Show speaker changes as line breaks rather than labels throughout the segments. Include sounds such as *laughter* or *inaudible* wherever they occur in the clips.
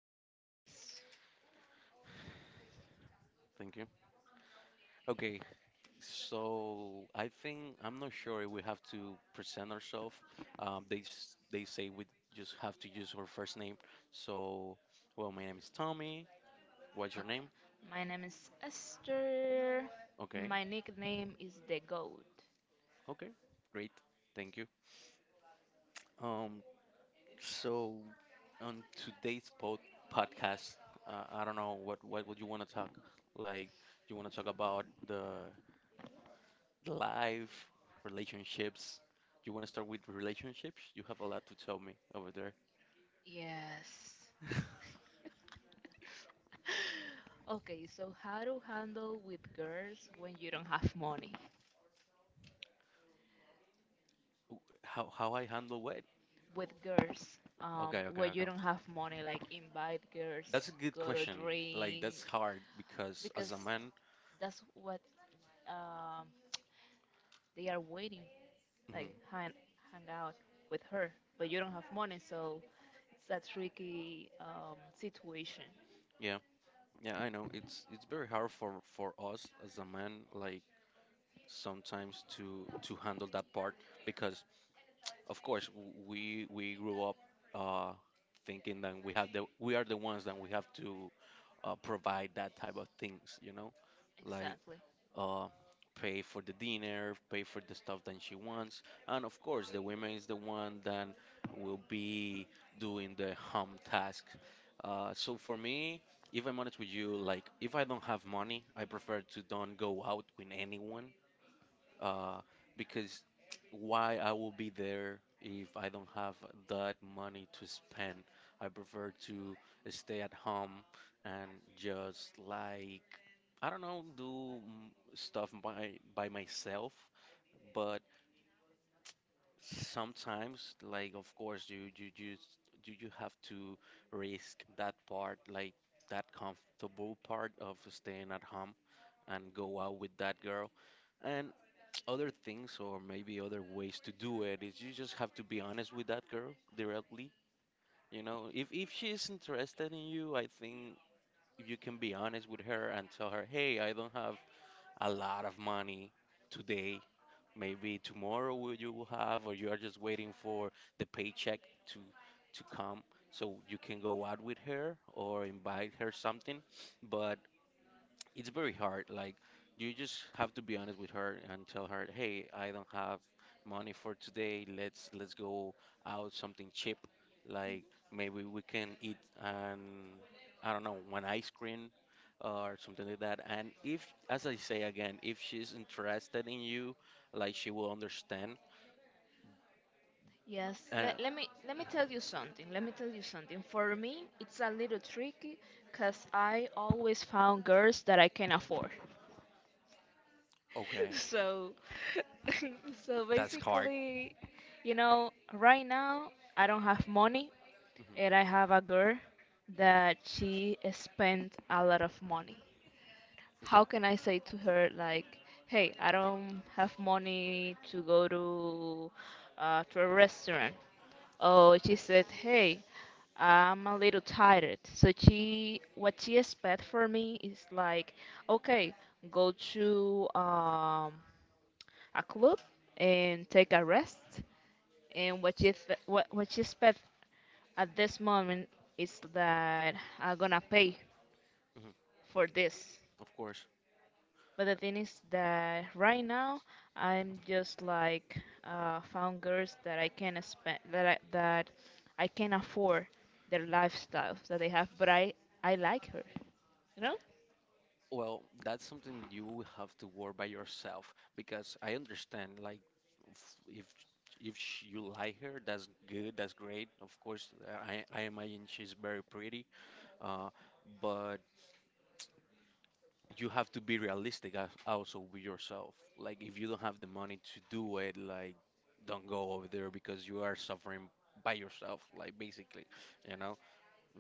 Me?
Yes.
Thank you. Okay, so I think I'm not sure if we have to present ourselves. They they say we just have to use our first name. So, well, my name is Tommy. What's your
Okay.
name?
My name is Esther.
Okay,
My nickname is the Goat.
okay, great. Thank you. Um, so on today's podcast, I don't know what would you want to talk? Like, you want to talk about the life, relationships. You want to start with relationships? You have a lot to tell me over there.
Yes.
*laughs* w-
*gasps* *laughs* Okay, so how to handle with girls when you don't have money?
how I handle what?
With girls,
Okay, okay,
when
okay.
you don't have money, like invite girls,
That's a good
go to
question. Like
drink,
that's hard because
because
as a man,
that's what um they are waiting, like
hmm
hang out with her, but you don't have money, so it's a tricky situation.
yeah, yeah, I know it's very hard for us as a man, like sometimes to handle that part because of course we grew up uh thinking that we have the we are the ones that we have to provide that type of things, you know, like
Exactly.
uh, pay for the dinner, pay for the stuff that she wants, and of course the woman is the one that will be doing the home task. So for me, if I'm honest with you, like if I don't have money, I prefer to don't go out with anyone uh, because why I will be there if I don't have that money to spend. I prefer to stay at home and just like I don't know, do stuff by myself. But sometimes, like of course, you just you have to risk that part, like that comfortable part of staying at home and go out with that girl and other things, or maybe other ways to do it, is you just have to be honest with that girl directly. You know, if she is interested in you, I think you can be honest with her and tell her, "Hey, I don't have a lot of money today. Maybe tomorrow will you will have, or you are just waiting for the paycheck to to come, so you can go out with her or invite her something." But it's very hard. Like you just have to be honest with her and tell her, "Hey, I don't have money for today. Let's go out something cheap. Like maybe we can eat an I don't know, one ice cream or something like that." And if, as I say again, if she's interested in you, like she will understand.
Yes,
Uh,
let me tell you something. Let me tell you something. For me, it's a little tricky because I always found girls that I can afford. *laughs*
okay.
So, *laughs* so
That's hard.
basically, you know, right now I don't have money,
hmm
and I have a girl
hmm
that she spent a lot of money. How
No.
can I say to her like, "Hey, I don't have money to go to a restaurant." Oh, she said, "Hey, I'm a little tired." So she, what she expect for me is like, "Okay, go to a club and take a rest." And what she expect at this moment is that I'm gonna pay
hmm
for this.
Of course.
But the thing is that right now I'm just like found girls that I can spend that I can afford their lifestyles that they have, but I like her, you know.
Well, that's something you will have to work by yourself because I understand like if if you like her, that's good, that's great. Of course, I imagine she's very pretty, uh, but you have to be realistic as, also with yourself. Like if you don't have the money to do it, like don't go over there because you are suffering by yourself, like basically, you know.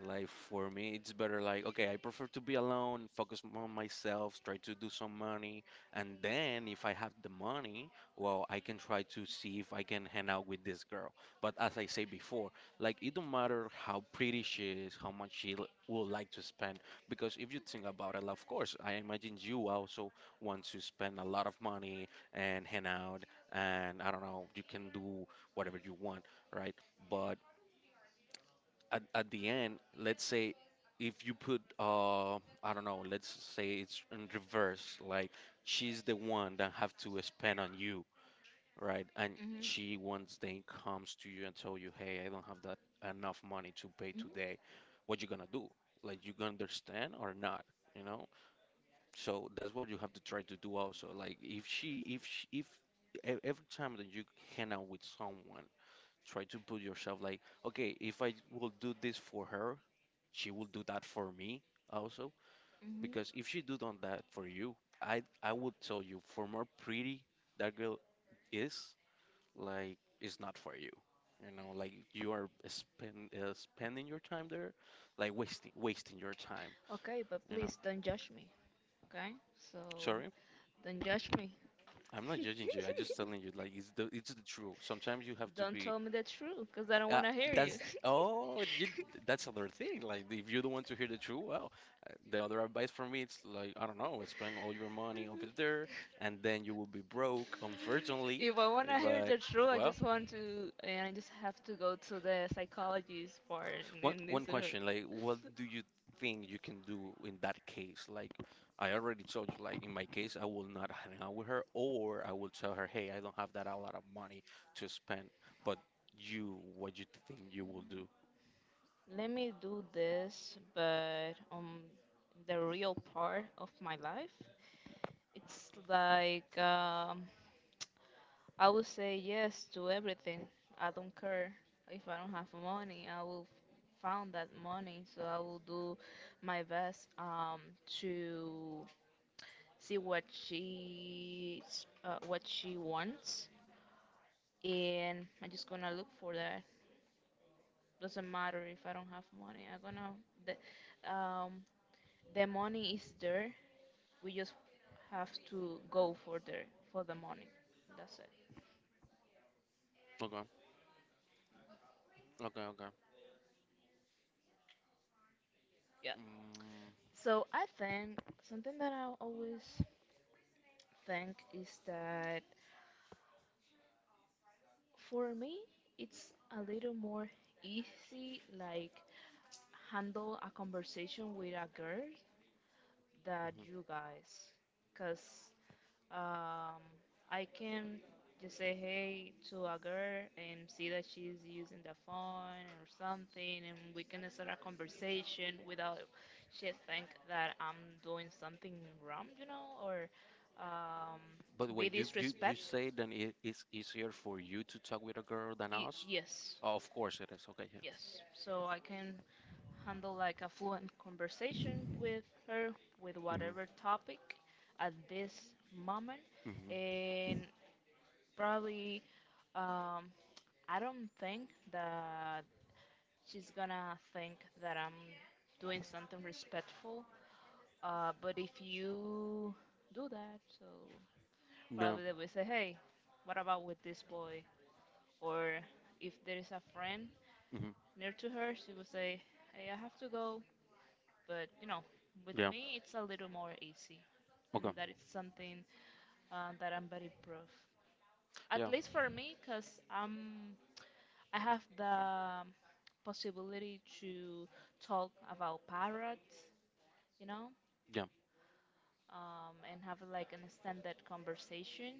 Like for me, it's better like, okay, I prefer to be alone, focus more on myself, try to do some money, and then if I have the money, well, I can try to see if I can hang out with this girl. But as I say before, like it don't matter how pretty she is, how much she would like to spend, because if you think about it, of course, I imagine you also want to spend a lot of money and hang out, and I don't know, you can do whatever you want, right? But at the end, let's say if you put I don't know, let's say it's in reverse, like she's the one that have to spend on you, right? And
Mhm.
she once then comes to you and tell you, "Hey, I don't have that enough money to pay
Mhm.
today." What you gonna do? Like you gonna understand or not, you know? So that's what you have to try to do also. Like if she if every time that you hang out with someone, try to put yourself like, okay, if I will do this for her, she will do that for me also.
Mhm.
Because if she do done that for you, I would tell you, for more pretty that girl is, like, it's not for you. You know, like you are spending your time there, like wasting your time.
Okay, but
You know,
please don't judge me. Okay, so
sorry,
don't judge me.
I'm not judging you. I'm just telling you, like it's the truth. Sometimes you have to
Don't
be.
tell me the truth, cause I don't
Uh,
wanna hear you.
that's
*laughs*
oh, you, that's another thing. Like if you don't want to hear the truth, well, the other advice for me, it's like, I don't know, spend all your money over there
*laughs*
and then you will be broke, unfortunately.
If I want to hear
But,
the truth, I
well,
just want to, and I just have to go to the psychologist part and then this.
one question, like, what do you think you can do in that case? Like, I already told you, like, in my case, I will not hang out with her or I will tell her, hey, I don't have that a lot of money to spend. But you, what do you think you will do?
Let me do this, but on the real part of my life, it's like I would say yes to everything. I don't care if I don't have money. I will found that money, so I will do my best to see what she wants, and I'm just gonna look for that. Doesn't matter if I don't have money. I'm gonna the um, the money is there. We just have to go for there for the money. That's it.
Okay, okay, okay.
Yeah.
Mm,
So I think something that I always think is that for me, it's a little more easy, like handle a conversation with a girl that
mhm.
you guys, cause um, I can just say hey to a girl and see that she's using the phone or something, and we can start a conversation without she think that I'm doing something wrong, you know, or um,
But
be
wait, you
disrespect.
say then it is easier for you to talk with a girl than us?
Yes.
Oh, of course it is. Okay, yeah.
Yes, so I can handle like a fluent conversation with her with
Mhm.
whatever topic at this moment.
Mhm.
And probably, um, I don't think that she's gonna think that I'm doing something respectful. But if you do that, so
Yeah.
probably they will say, hey, what about with this boy? Or if there is a friend
Mhm.
near to her, she will say, hey, I have to go. But you know, with
Yeah.
me, it's a little more easy, and
Okay.
that is something that I'm very proud. At
Yeah.
least for me, because I'm I have the possibility to talk about parrots, you know,
Yeah.
and have like an extended conversation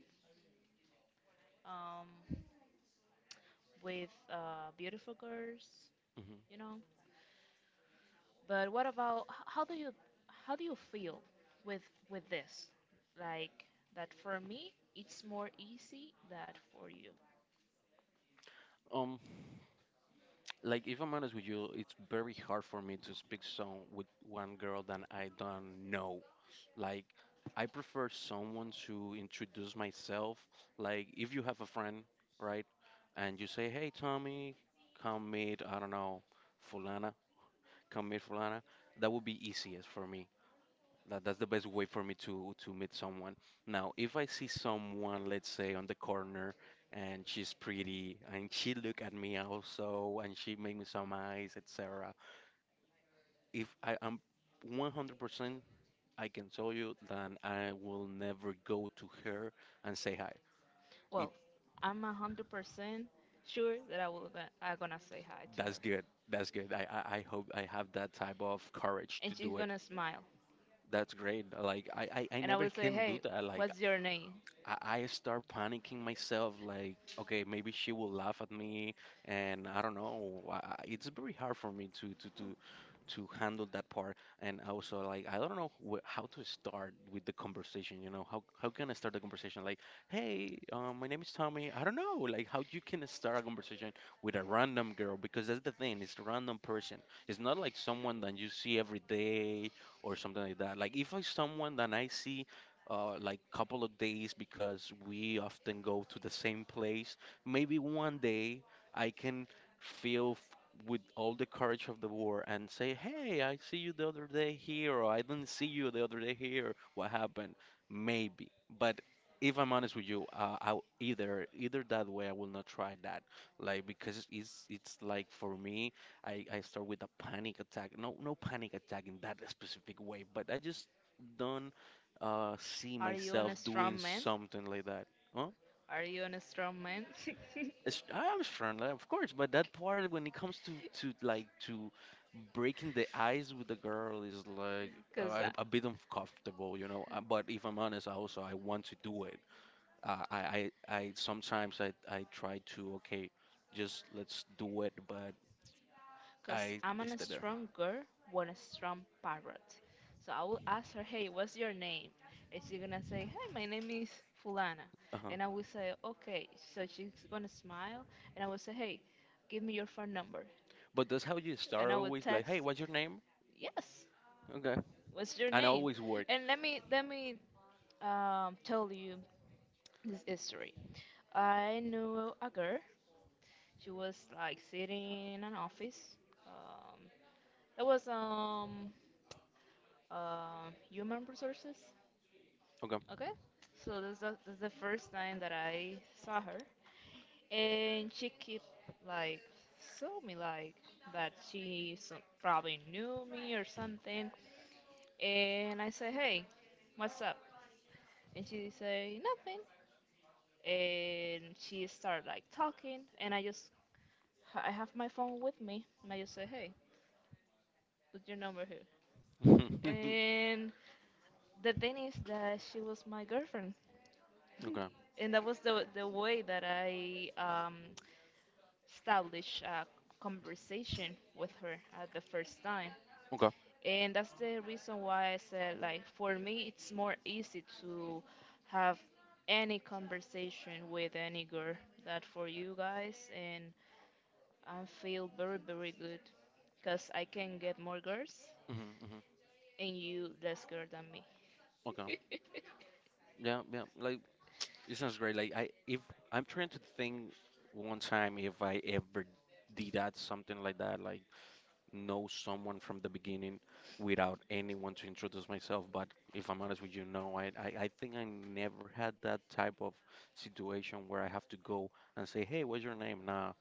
um, with beautiful girls,
Mhm.
you know. But what about how do you feel with with this? Like that for me, it's more easy than for you.
Um, like if I'm honest with you, it's very hard for me to speak song with one girl that I don't know. Like I prefer someone to introduce myself. Like if you have a friend, right? And you say, "Hey, Tommy, come meet, I don't know, fulana come meet Fulana," that would be easiest for me. That's the best way for me to meet someone. Now, if I see someone, let's say on the corner, and she's pretty, and she look at me also, and she make me some eyes, etc. If I am 100%, I can tell you that I will never go to her and say hi. It
Well, I'm 100% sure that I'm gonna say hi to
That's
her,
good. That's good. I hope I have that type of courage to
and she's
do it.
gonna smile,
That's great. Like I
and I
never
will say,
can do
"Hey,
that. Like.
what's your name?
I start panicking myself, like, okay, maybe she will laugh at me, and I don't know. It's very hard for me to handle that part. And I was so like, I don't know how to start with the conversation. You know, how can I start the conversation? Like, hey, my name is Tommy. I don't know, like how you can start a conversation with a random girl because that's the thing. It's a random person. It's not like someone that you see every day or something like that. Like if I someone that I see. Like couple of days because we often go to the same place. Maybe one day I can with all the courage of the war and say, "Hey, I see you the other day here, or I didn't see you the other day here. What happened?" Maybe, but if I'm honest with you, either that way, I will not try that. Like because it's like for me, I start with a panic attack. No, no panic attack in that specific way, but I just don't see
Are you on
myself
a
doing
strong man?
something like that. Huh?
Are you on a strong man?" *laughs*
It's, I am friendly, of course, but that part when it comes to to like to breaking the ice with the girl is like
Because
a bit uncomfortable, you know. But if I'm honest, I also I want to do it. I sometimes I try to okay, just let's do it, but
because I'm
I
a
stay there.
strong girl, with a strong parrot. So I will ask her, hey, what's your name? And she's gonna say, hey, my name is Fulana.
Uh-huh.
And I will say, okay. So she's gonna smile, and I will say, hey, give me your phone number.
But that's how you
And
start
I will
always like,
text,
hey, what's your name?
yes,
Okay,
what's your
and I
name?
always work.
And let me tell you this history. I knew a girl. She was like sitting in an office. Um, that was human resources.
Okay.
Okay, so this is the first time that I saw her, and she keep like saw me like that she so, probably knew me or something, and I said, hey, what's up? And she say nothing, and she start like talking, and I have my phone with me, and I just say hey, put your number here,
*laughs*
and the thing is that she was my girlfriend
Okay.
and that was the way that I established a conversation with her at the first time,
Okay.
and that's the reason why I said like for me it's more easy to have any conversation with any girl that for you guys, and I feel very very good because I can get more girls
Mm-hmm, mm-hmm.
and you less girl than me.
Okay.
*laughs*
Yeah, yeah. Like it sounds great. Like I, if I'm trying to think one time if I ever did that something like that, like know someone from the beginning without anyone to introduce myself. But if I'm honest with you, no, I think I never had that type of situation where I have to go and say, hey, what's your name? Nah,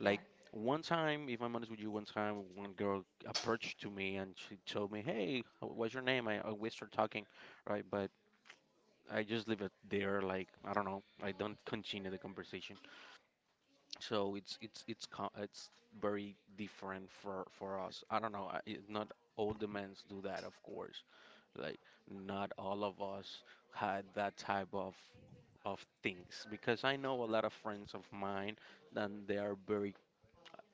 Yeah,
one time, if I'm honest with you, one time one girl approached to me and she told me, hey, what's your name? I we start talking, right? But I just leave it there. Like I don't know. I don't continue the conversation. So it's very different for us. I don't know. It, not all the men's do that, of course. Like not all of us had that type of things because I know a lot of friends of mine and they are very,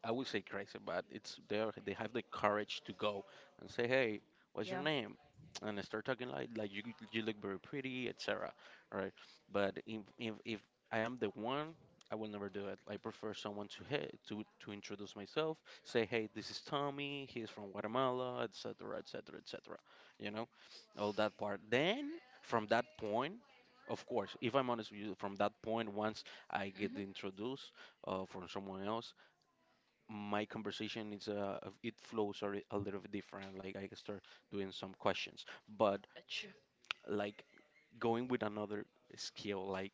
I would say, crazy, but they have the courage to go and say, "Hey, what's your
yeah.
name?" And they start talking like like you look very pretty, etc. Right? But if I am the one, I will never do it. I prefer someone to hey to introduce myself, say, "Hey, this is Tommy. He's from Guatemala, etc., etc., etc." You know, all that part. Then from that point. Of course, if I'm honest with you, from that point, once I
Mhm.
get introduced from someone else, my conversation is it flows a little bit different. Like I can start doing some questions, but
True.
like going with another skill, like,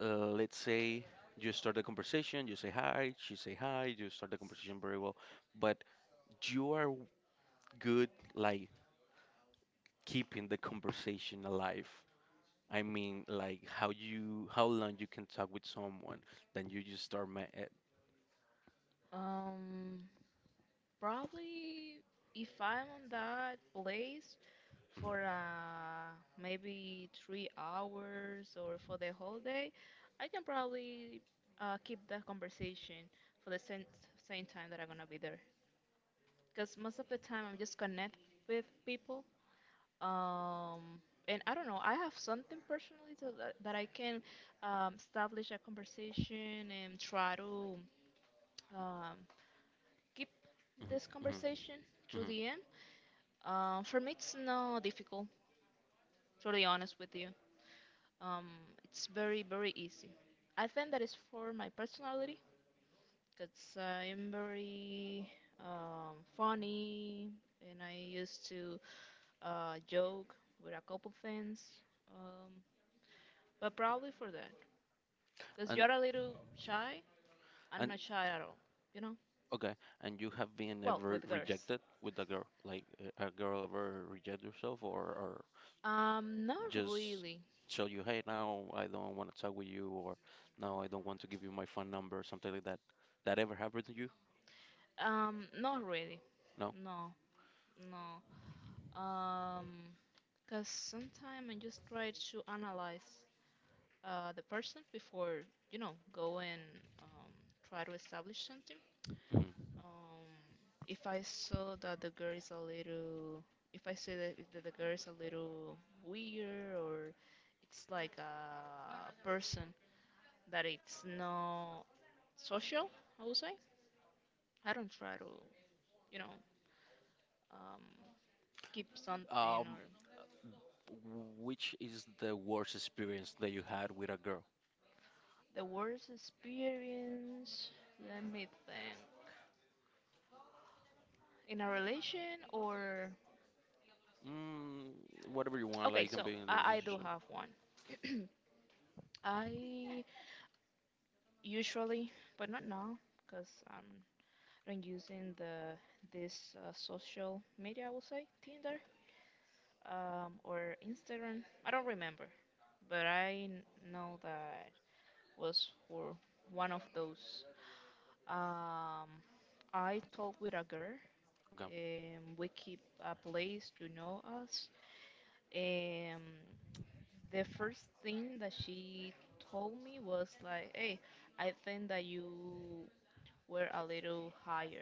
let's say you start the conversation, you say hi, she say hi, you start the conversation very well, but you are good like keeping the conversation alive. I mean, like how long you can talk with someone, then you just start
Um. Probably if I'm on that place
mhm,
for maybe 3 hours or for the whole day, I can probably keep that conversation for the same time that I'm gonna be there. Because most of the time I'm just connect with people. Um, and I don't know, I have something personally so that I can establish a conversation and try to um, keep
mhm,
this
mhm,
conversation to
mhm.
the end. For me, it's not difficult, to be honest with you. Um, it's very, very easy. I think that is for my personality, because I'm very funny and I used to joke with a couple things. Um, but probably for that, because
and
you're a little shy. I'm
and
not shy at all, you know?
Okay, and you have been
Well,
ever
with girls.
rejected with a girl? Like a girl ever reject yourself, or
Not
just
really.
tell you, hey, now I don't want to talk with you, or now I don't want to give you my phone number, something like that. That ever happened to you?
Um, not really.
No?
No, no. Um, because sometimes I just try to analyze the person before, you know, go and um, try to establish something.
Mm.
Um, if I saw that the girl is a little, if I say that, if the girl is a little weird or it's like a person that it's not social, I would say, I don't try to, you know, um, keep something or
Um, which is the worst experience that you had with a girl?
the worst experience, let me think. In a relation or.
Mm, whatever you want,
Okay,
like it can
so
be in the
I, I do
relationship.
have one. *clears throat* I usually, but not now, because I'm not using the this social media. I will say Tinder or Instagram. I don't remember, but know that was for one of those. Um, I talked with a girl.
Okay.
We keep a place to know us. Um, the first thing that she told me was like, "Hey, I think that you were a little higher,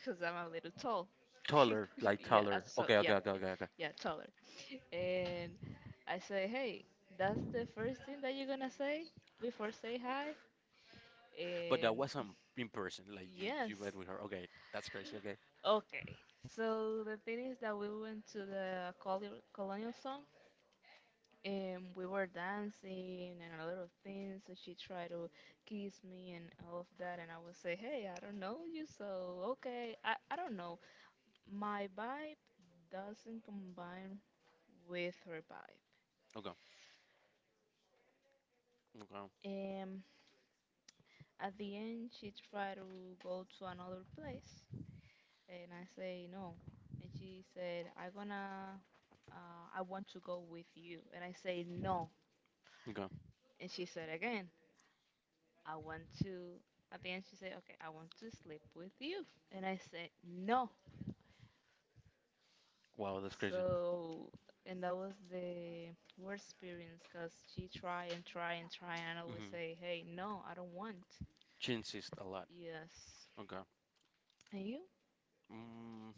cause I'm a little tall."
Taller,
*laughs*
like
Yeah, uh,
taller.
so
Okay,
yeah,
okay, okay,
yeah,
okay, okay.
yeah, taller. And I say, "Hey, that's the first thing that you're gonna say before say hi."
But
And
that wasn't in person, like
*laughs*
you
yes,
met with her. Okay, that's crazy. Okay.
okay. So the thing is that we went to the colonial song. And we were dancing and a little thing, so she tried to kiss me and all of that, and I would say, "Hey, I don't know you, so okay." I don't know. My vibe doesn't combine with her vibe.
Okay. Okay.
And at the end, she tried to go to another place, and I say no, and she said, "I gonna, I want to go with you," and I say no,
Okay.
and she said again, I want to, at the end, she said, okay, I want to sleep with you. And I said, no.
Wow, that's crazy.
So, and that was the worst experience because she tried and tried and tried and I always
Mm-hmm.
say, hey, no, I don't want.
She insists a lot.
Yes.
Okay.
And you?
Mm,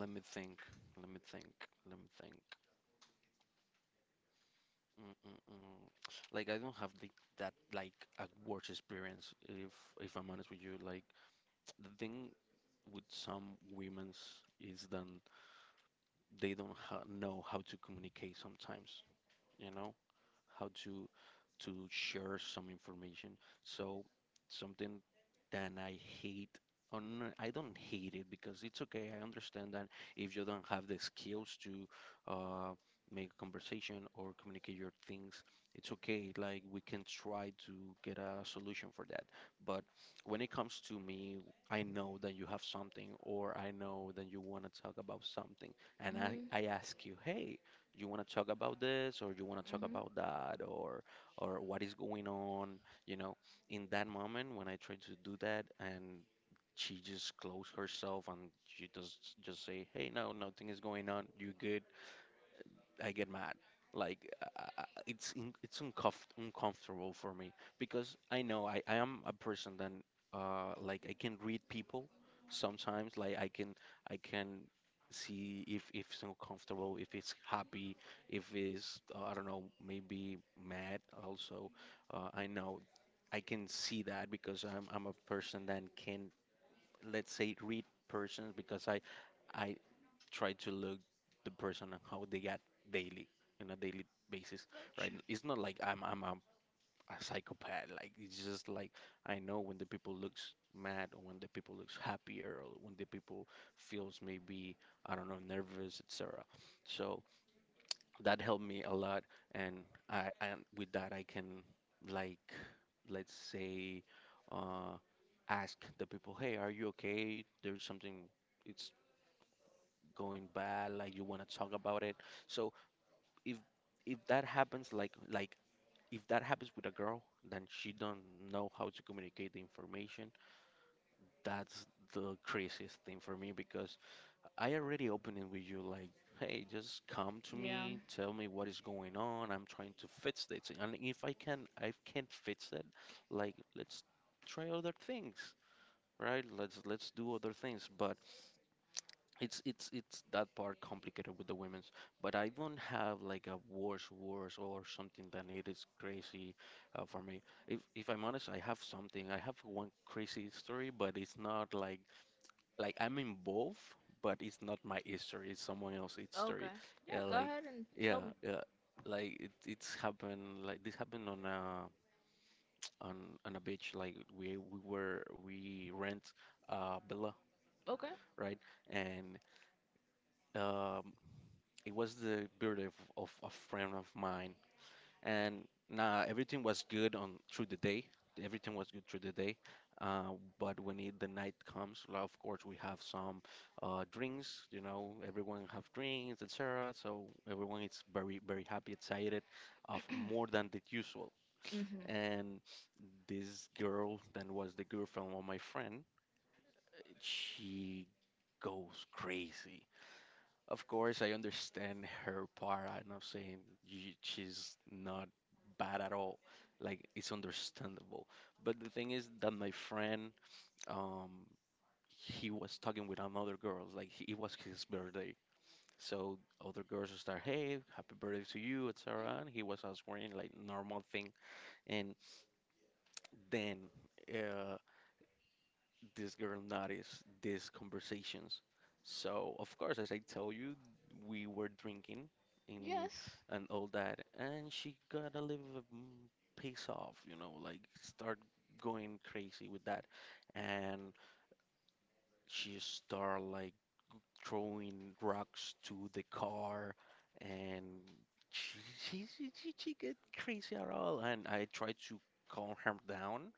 let me think. Let me think. Let me think. Mm-mm-mm. Like I don't have the that like a worse experience, if I'm honest with you. Like the thing with some women's is that they don't ha know how to communicate sometimes, you know? How to share some information. So something that I hate on— I don't hate it because it's okay. I understand that if you don't have the skills to, uh, make a conversation or communicate your things, it's okay. Like we can try to get a solution for that. But when it comes to me, I know that you have something or I know that you want to talk about something and I
Mm-hmm.
ask you, hey, you want to talk about this or you want to talk about
Mm-hmm.
that or what is going on, you know. In that moment when I tried to do that and she just closed herself and she just say, "Hey, no, nothing is going on. You good?" I get mad. Like it's uncomfortable for me because I know I am a person that like I can read people sometimes. Like I can see if it's uncomfortable, if it's happy, if it's, I don't know, maybe mad. Also, I know I can see that because I'm a person that can, let's say, read persons because I try to look the person and how they get daily, in a daily basis.
Gotcha.
Right, it's not like a psychopath. Like it's just like I know when the people looks mad, or when the people looks happier, or when the people feels maybe, I don't know, nervous, etc. So that helped me a lot. And I and with that I can, like, let's say, uh ask the people, hey, are you okay, there's something, it's going bad, like you want to talk about it. So if if that happens, like if that happens with a girl, then she don't know how to communicate the information. That's the craziest thing for me because I already opened it with you, like, hey, just come to
Yeah.
me, tell me what is going on. I'm trying to fix this, and if I can, I can't fix it. Like, let's try other things, right? Let's do other things, but. It's that part complicated with the women's, but I don't have like a worse or something that it is crazy, for me. If I'm honest, I have something. I have one crazy story, but it's not like I'm involved, but it's not my history. It's someone else's history.
Okay. Yeah,
Yeah,
go
like
ahead and tell me.
yeah. Like it's happened. Like this happened on a *tsk* on a beach. Like we rent villa,
Okay.
right? And, um, it was the birthday of a friend of mine, and nah, everything was good on through the day. Everything was good through the day, uh, but the night comes, well, of course we have some, drinks. You know, everyone have drinks, etc. So everyone is very very happy, excited, of more than the usual.
Mm-hmm.
And this girl, then was the girlfriend of my friend, she goes crazy. Of course, I understand her part. I'm not saying she's not bad at all. Like, it's understandable. But the thing is that my friend, um, he was talking with another girl. Like, it was his birthday. So other girls start, hey, happy birthday to you, etc. And he was answering like normal thing. And then, uh, this girl noticed these conversations. So, of course, as I tell you, we were drinking in
Yes.
and all that, and she got a little, mm, piss off, you know, like start going crazy with that. And she start like throwing rocks to the car, and she get crazy at all. And I tried to calm her down,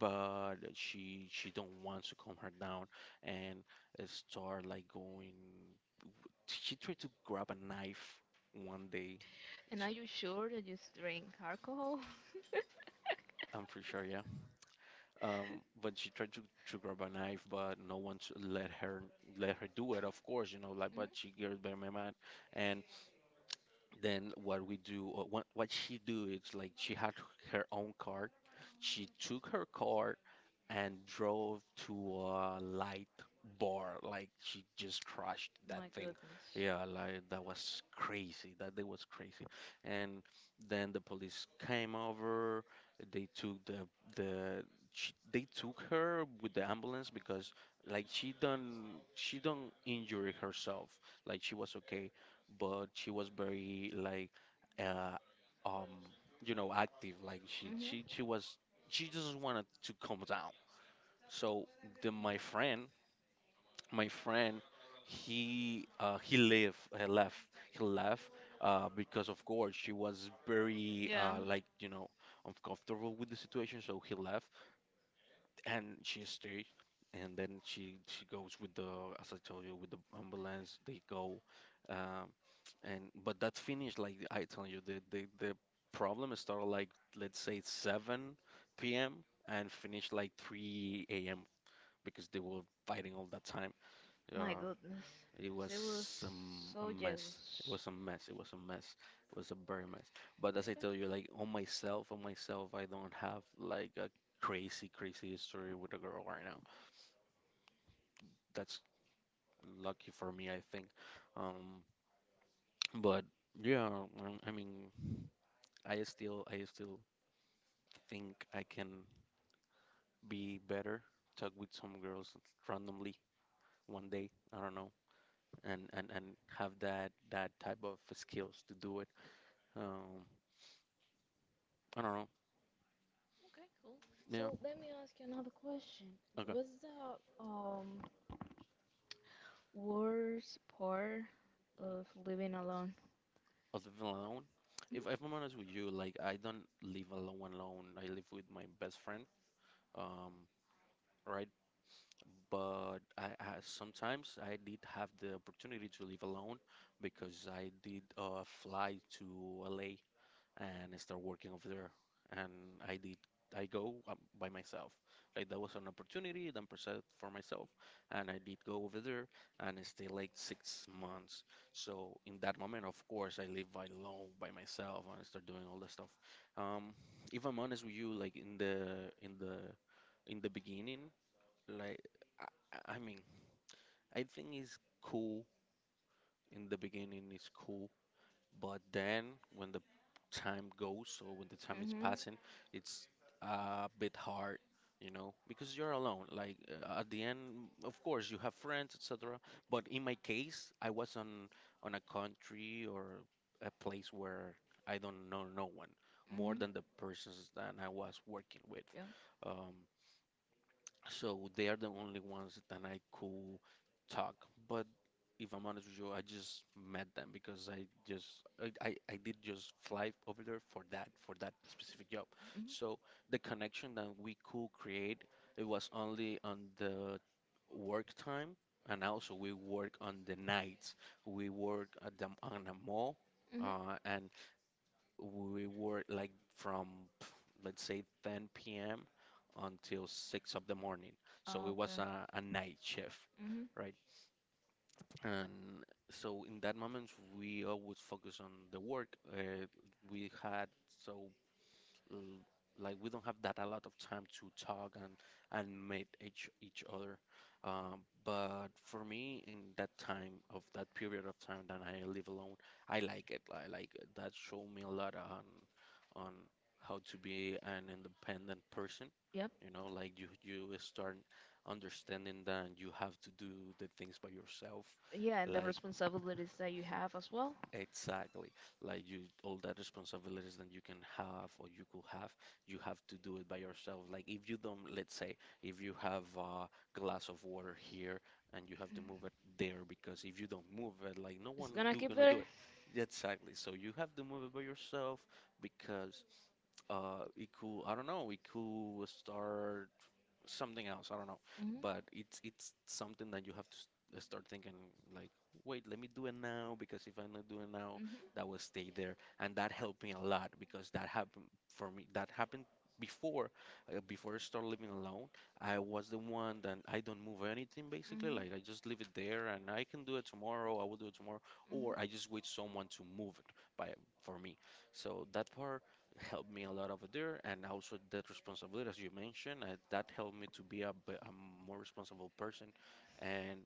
but she don't want to calm her down, and start like going, she tried to grab a knife one day,
And are
she,
you sure that you drink alcohol?
I'm pretty sure, yeah. Um, but she tried to, grab a knife, but no one to let her do it, of course, you know, like, but
hmm
she gets very mad. And then what we do, or what she do is like, she had her own car, she took her car and drove to a light bar, like she just crashed that
My
thing.
goodness.
Yeah, like that was crazy, that day was crazy. And then the police came over, they took the she, they took her with the ambulance because she don't injure herself, like she was okay, but she was very like, uh, um, you know, active. Like she was, she just wanted to calm down. So then my friend, my friend he, he left he left, because of course she was very,
Yeah.
uh, like, you know, uncomfortable with the situation, so he left, and she stayed. And then she goes with the, as I told you, with the ambulance, they go. Um, and but that finished, like I tell you, the problem started like, let's say, 7 p.m and finished like 3 a.m, because they were fighting all that time,
My
uh.
goodness.
It
She
was, a
was so
mess. It
jealous.
was a mess. It was a mess. It was a very mess. But as I
Okay.
tell you, like on myself, I don't have like a
like
crazy, crazy history with a girl right now. That's lucky for me, I think. Um, but yeah, I mean, I still think I can be better, talk with some girls randomly one day. I don't know, and have that type of skills to do it. Um, I don't know.
Okay, cool.
Yeah.
So let me ask you another question.
Okay.
What's the um worst part of living alone?
Of alone. If I'm honest with you, like I don't live alone alone. I live with my best friend. Um, right. But I sometimes I did have the opportunity to live alone because I did, fly to LA and start working over there. And I did. I go, by myself. Like that was an opportunity that I presented for myself, and I did go over there and stay like 6 months. So in that moment, of course, I live by alone by myself and I start doing all that stuff. Um, if I'm honest with you, like in the in the in the beginning, like I, I mean, I think it's cool in the beginning. It's cool, but then when the time goes, or when the time is
hmm
passing, it's a bit hard, you know, because you're alone. Like, at the end, of course, you have friends, etc. But in my case, I was on a country or a place where I don't know no one more
hmm
than the persons that I was working with.
Yeah.
Um, so they are the only ones that I could talk. But if I'm honest with you, I just met them because I just I did just fly over there for that specific job.
Mhm.
So the connection that we could create, it was only on the work time, and also we work on the nights. We work at on a mall,
Mhm.
and we were like from pff, let's say 10 p.m. until 6 of the morning. So it was
Okay.
a night shift,
Mhm.
right? And so in that moment, we always focus on the work. We had so l- like we don't have that a lot of time to talk and meet each other. But for me, in that time of that period of time that I live alone, I like it. I like it. That showed me a lot on on how to be an independent person.
Yep.
You know, like you start understanding that you have to do the things by yourself,
Yeah, and the
like,
responsibilities that you have as well.
exactly. Like you, all that responsibilities that you can have or you could have, you have to do it by yourself. Like if you don't, let's say, if you have a glass of water here and you have to move it there, because if you don't move it, like no
It's
one
gonna
do
keep
gonna
there.
do it. Exactly. So you have to move it by yourself because it could, I don't know, it could start something else. I don't know,
Mhm.
but it's something that you have to start thinking like, wait, let me do it now, because if I not do it now,
Mhm.
that will stay there, and that helped me a lot, because that happened for me. That happened before, before I started living alone. I was the one that I don't move anything basically.
Mhm.
Like I just leave it there, and I can do it tomorrow. I will do it tomorrow,
Mhm.
or I just wait someone to move it by for me. So that part helped me a lot over there, and also that responsibility, as you mentioned, that helped me to be a, a more responsible person, and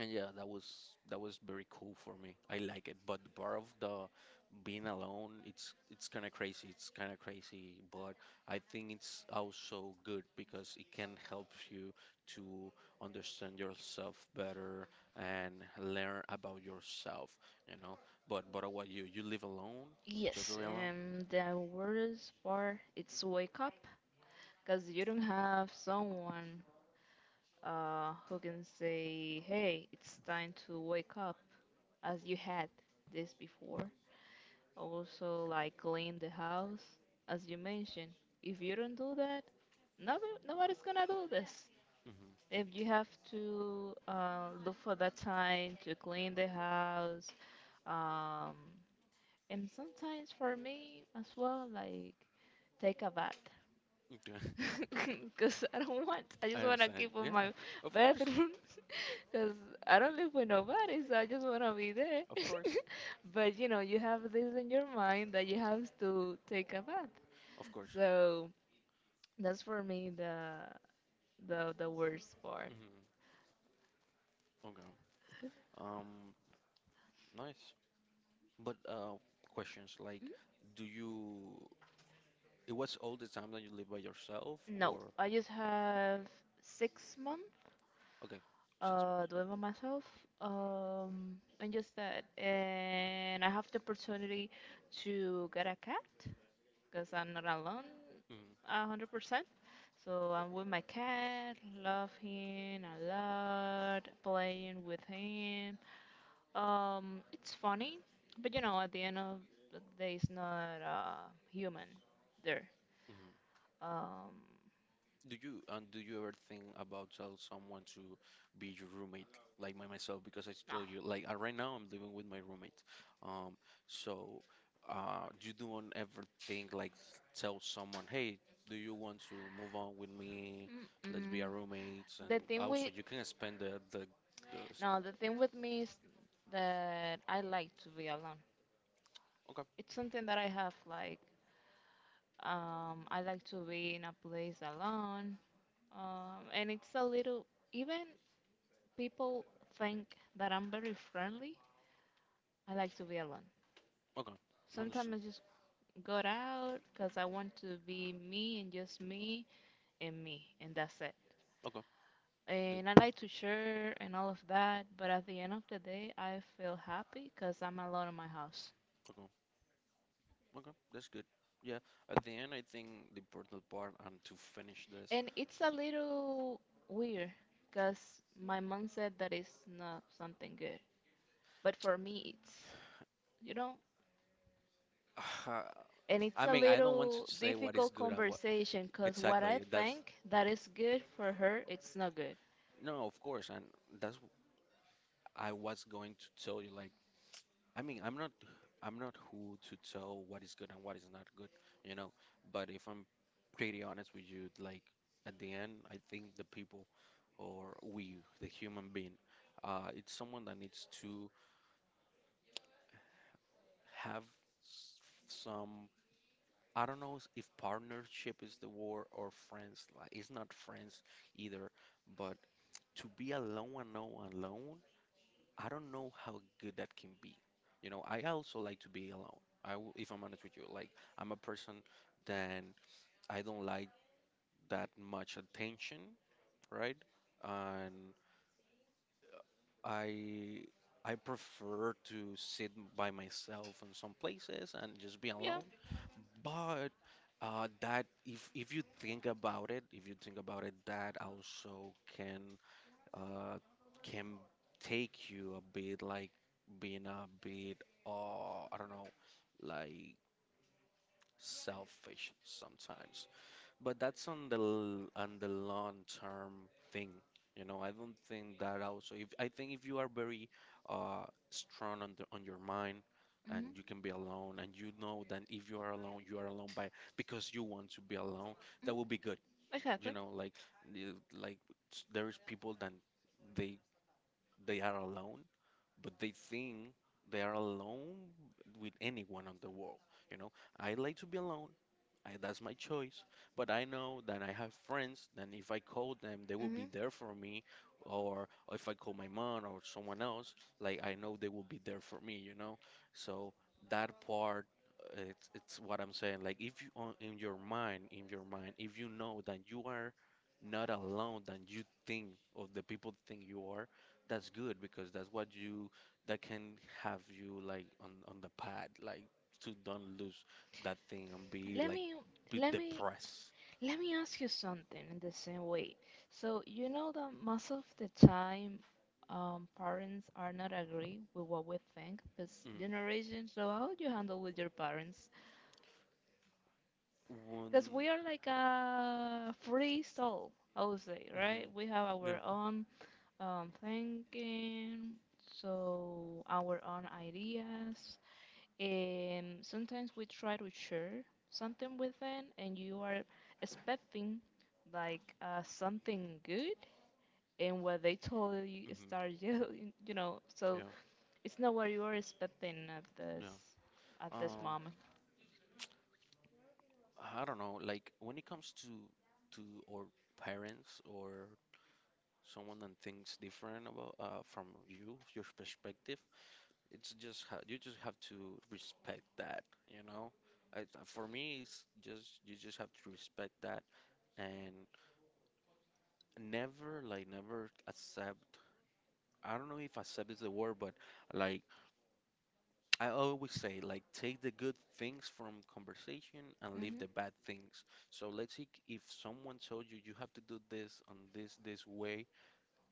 yeah, that was, that was very cool for me. I like it, but the part of the being alone, it's kind of crazy. It's kind of crazy, but I think it's also good because it can help you to understand yourself better and learn about yourself, you know. But what, you live alone,
Yes,
totally alone.
and the worst part it's wake up because you don't have someone who can say, "Hey, it's time to wake up," as you had this before. Also, like clean the house, as you mentioned. If you don't do that, nobody's gonna do this.
Hmm.
If you have to look for that time to clean the house, um, and sometimes for me as well, like take a bath,
Okay. *laughs*
*laughs* because I don't want. I
I
just want to
understand.
keep on
Yeah,
my
of course,
bathroom, *laughs* because I don't live with nobody, so I just want to be there.
of course,
But you know, you have this in your mind that you have to take a bath.
of course.
So that's for me the worst part.
Hmm. Okay. Um, Nice. But questions like, do you? It was all the time that you live by yourself,
Mm, no,
or
I just have 6 months.
okay, six
Uh, doing by myself, and just that. And I have the opportunity to get a cat because I'm not alone
months.
a 100%. So I'm with my cat, love him a lot, playing with him. It's funny, but you know, at the end of the day, it's not human there.
Mm-hmm.
Um,
Do you, and do you ever think about tell someone to be your roommate, like my myself? Because I told you, like, right now, I'm living with my roommate. Um, so, you don't ever think like tell someone, hey, do you want to move on with me?
no.
Let's be
Mm-mm.
our roommates, and
The thing
also
with
you can spend the the.
No, the thing with me is that I like to be alone.
Okay,
It's something that I have like I like to be in a place alone. And it's a little even people think that I'm very friendly. I like to be alone.
okay, I
Sometimes
understand.
I just go out because I want to be me and just me and me and that's it.
Okay, good.
And I like to share and all of that, but at the end of the day, I feel happy because I'm alone in my house.
Okay, okay, that's good. Yeah, at the end, I think the important part and to finish this.
And it's a little weird because my mom said that it's not something good. But for me, it's, you know,
Uh,
and it's
I
a
mean, I don't want to
little
say what is
difficult
good and what,
conversation because what I
exactly. That's,
think that is good for her, it's not good.
no, of course, and that's I was going to tell you. Like, I mean, I'm not who to tell what is good and what is not good, you know. But if I'm pretty honest with you, like at the end, I think the people or we, the human being, it's someone that needs to have some, I don't know, if partnership is the word or friends. Like it's not friends either, but to be alone and know alone, I don't know how good that can be. You know, I also like to be alone. I, if I'm honest with you, like I'm a person that I don't like that much attention, right? I I prefer to sit by myself in some places and just be
Yeah.
alone. But that, if you think about it, if you think about it, that also uh, can take you a bit like being a bit, I don't know, like selfish sometimes. But that's on the on the long term thing. You know, I don't think that also if I think if you are very uh strong on the, on your mind, and you
hmm
can be alone, and you know that if you are alone, you are alone by because you want to be alone, that will be good. You
Exactly.
know, like like there is people that they they are alone but they think they are alone with anyone on the world. You know, I like to be alone. I, that's my choice. But I know that I have friends, then if I call them, they will be
hmm
there for me. Or if I call my mom or someone else, like I know they will be there for me, you know? So that part, it's what I'm saying. Like if you, in your mind, if you know that you are not alone than you think, or the people think you are, that's good, because that's what you, that can have you like on the pad, like to don't lose that thing and be
Let
like
me
be
let me
depressed.
Let me ask you something in the same way. So, you know that most of the time, parents are not agree with what we think this
Mm.
generation. So, how do you handle with your parents? Because
One,
we are like a free soul, I would say, right?
hmm,
We have our
yeah,
own thinking, so our own ideas. Sometimes we try to share something with them, and you are expecting like something good, and what they told you you
hmm,
start *laughs* yelling, you know. So
yeah,
it's not what you are expecting
yeah.
at this
Um,
moment.
I don't know. Like when it comes to to or parents or someone that thinks different about from you, your perspective. It's just ha you just have to respect that, you know? I, for me, it's just you just have to respect that, and never like never accept. I don't know if accept is the word, but like I always say, like take the good things from conversation and leave
hmm
the bad things. So let's see if someone told you you have to do this on this way,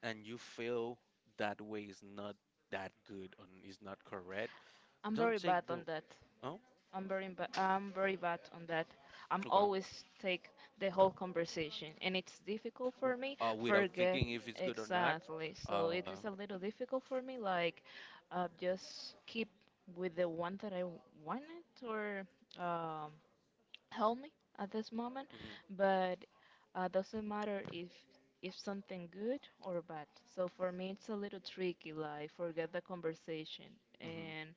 and you feel that way is not that good and is not correct.
I'm
Don't
very
take
bad
the,
on that.
oh
I'm very bad on that. I'm
okay,
always take the whole conversation, and it's difficult for me
without
forget
thinking if it's good or not.
exactly. So it
Okay.
is a little difficult for me, like just keep with the one that I wanted, or um, help me at this moment,
Mm-hmm.
but doesn't matter if something good or bad. So for me, it's a little tricky. Like forget the conversation
Hmm.
and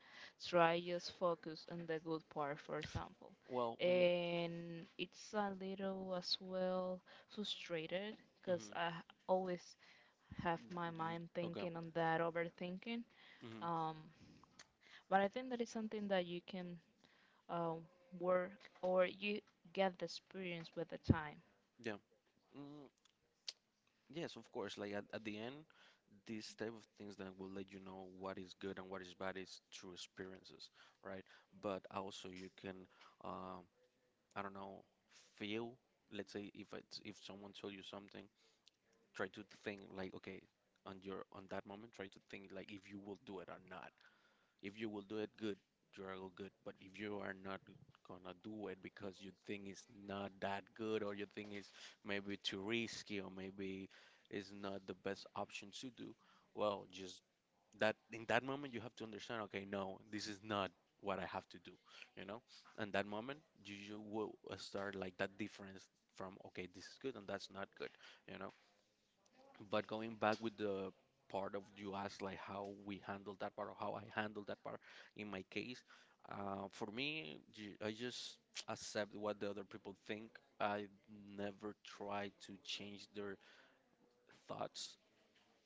try just focus on the good part, for example.
Well, mm,
And it's a little as well frustrated because
hmm,
I always have my mind
okay.
thinking on that overthinking.
Hmm.
Um, but I think that is something that you can um, work or you get the experience with the time.
Yeah. Mm, yes, of course. Like at the end, these type of things that will let you know what is good and what is bad is through experiences, right? But also you can, um, I don't know, feel. Let's say if it's, if someone told you something, try to think like, okay, on your, on that moment, try to think like if you will do it or not. If you will do it good, you are all good. But if you are not gonna do it because you think it's not that good, or you think it's maybe too risky, or maybe it's not the best option to do, well, just that in that moment you have to understand, okay, no, this is not what I have to do, you know? And that moment you, you will start like that difference from, okay, this is good and that's not good, you know? But going back with the part of you asked like how we handle that part or how I handle that part in my case, for me, I just *tsk* accept what the other people think. I never try to change their thoughts.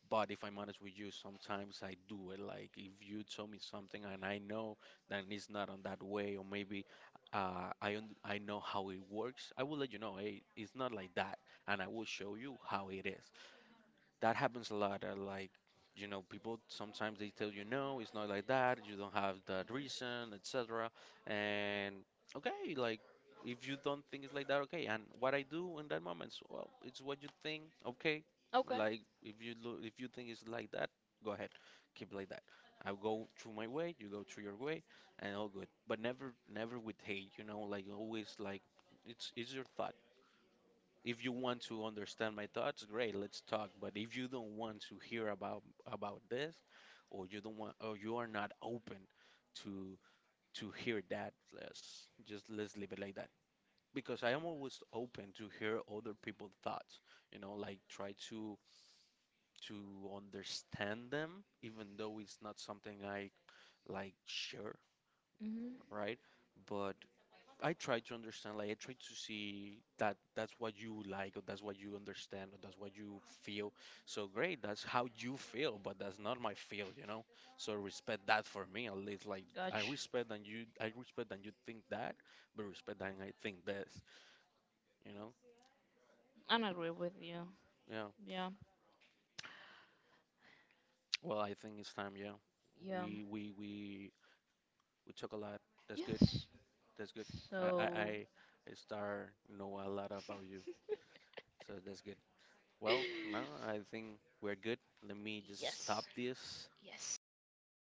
But if I'm honest with you, sometimes I do it. Like if you tell me something and I know that it's not on that way, or maybe I I know how it works, I will let you know. Hey, it's not like that, and I will show you how it is. That happens a lot. Like, you know, people sometimes they tell you no, it's not like that. You don't have that reason, etc. And okay, like if you don't think it's like that, okay. And what I do in that moment, is, well, it's what you think. Okay,
Okay.
like if you if you think it's like that, go ahead, keep like that. I'll go through my way, you go through your way, and all good. But never, never with hate, you know. Like always, like it's your thought, if you want to understand my thoughts, great, let's talk. But if you don't want to hear about this, or you don't want, or you are not open to hear that, let's just let's leave it like that. Because I am always open to hear other people's thoughts, you know, like try to understand them, even though it's not something I like share,
Mm-hmm.
right? But I try to understand, like I try to see that that's what you like, or that's what you understand, or that's what you feel. So great, that's how you feel, but that's not my feel, you know. So respect that for me at least. Like I
Gotcha.
respect that you, I respect that you think that, but respect that I think this, you know.
I agree with you.
Yeah.
Yeah.
Well, I think it's time. Yeah,
Yeah.
we we talk a lot. That's good.
Yes.
That's good. I
So,
I start know a lot about you, so that's good. Well, no, I think we're good. Let me just stop
yes.
this.
Yes.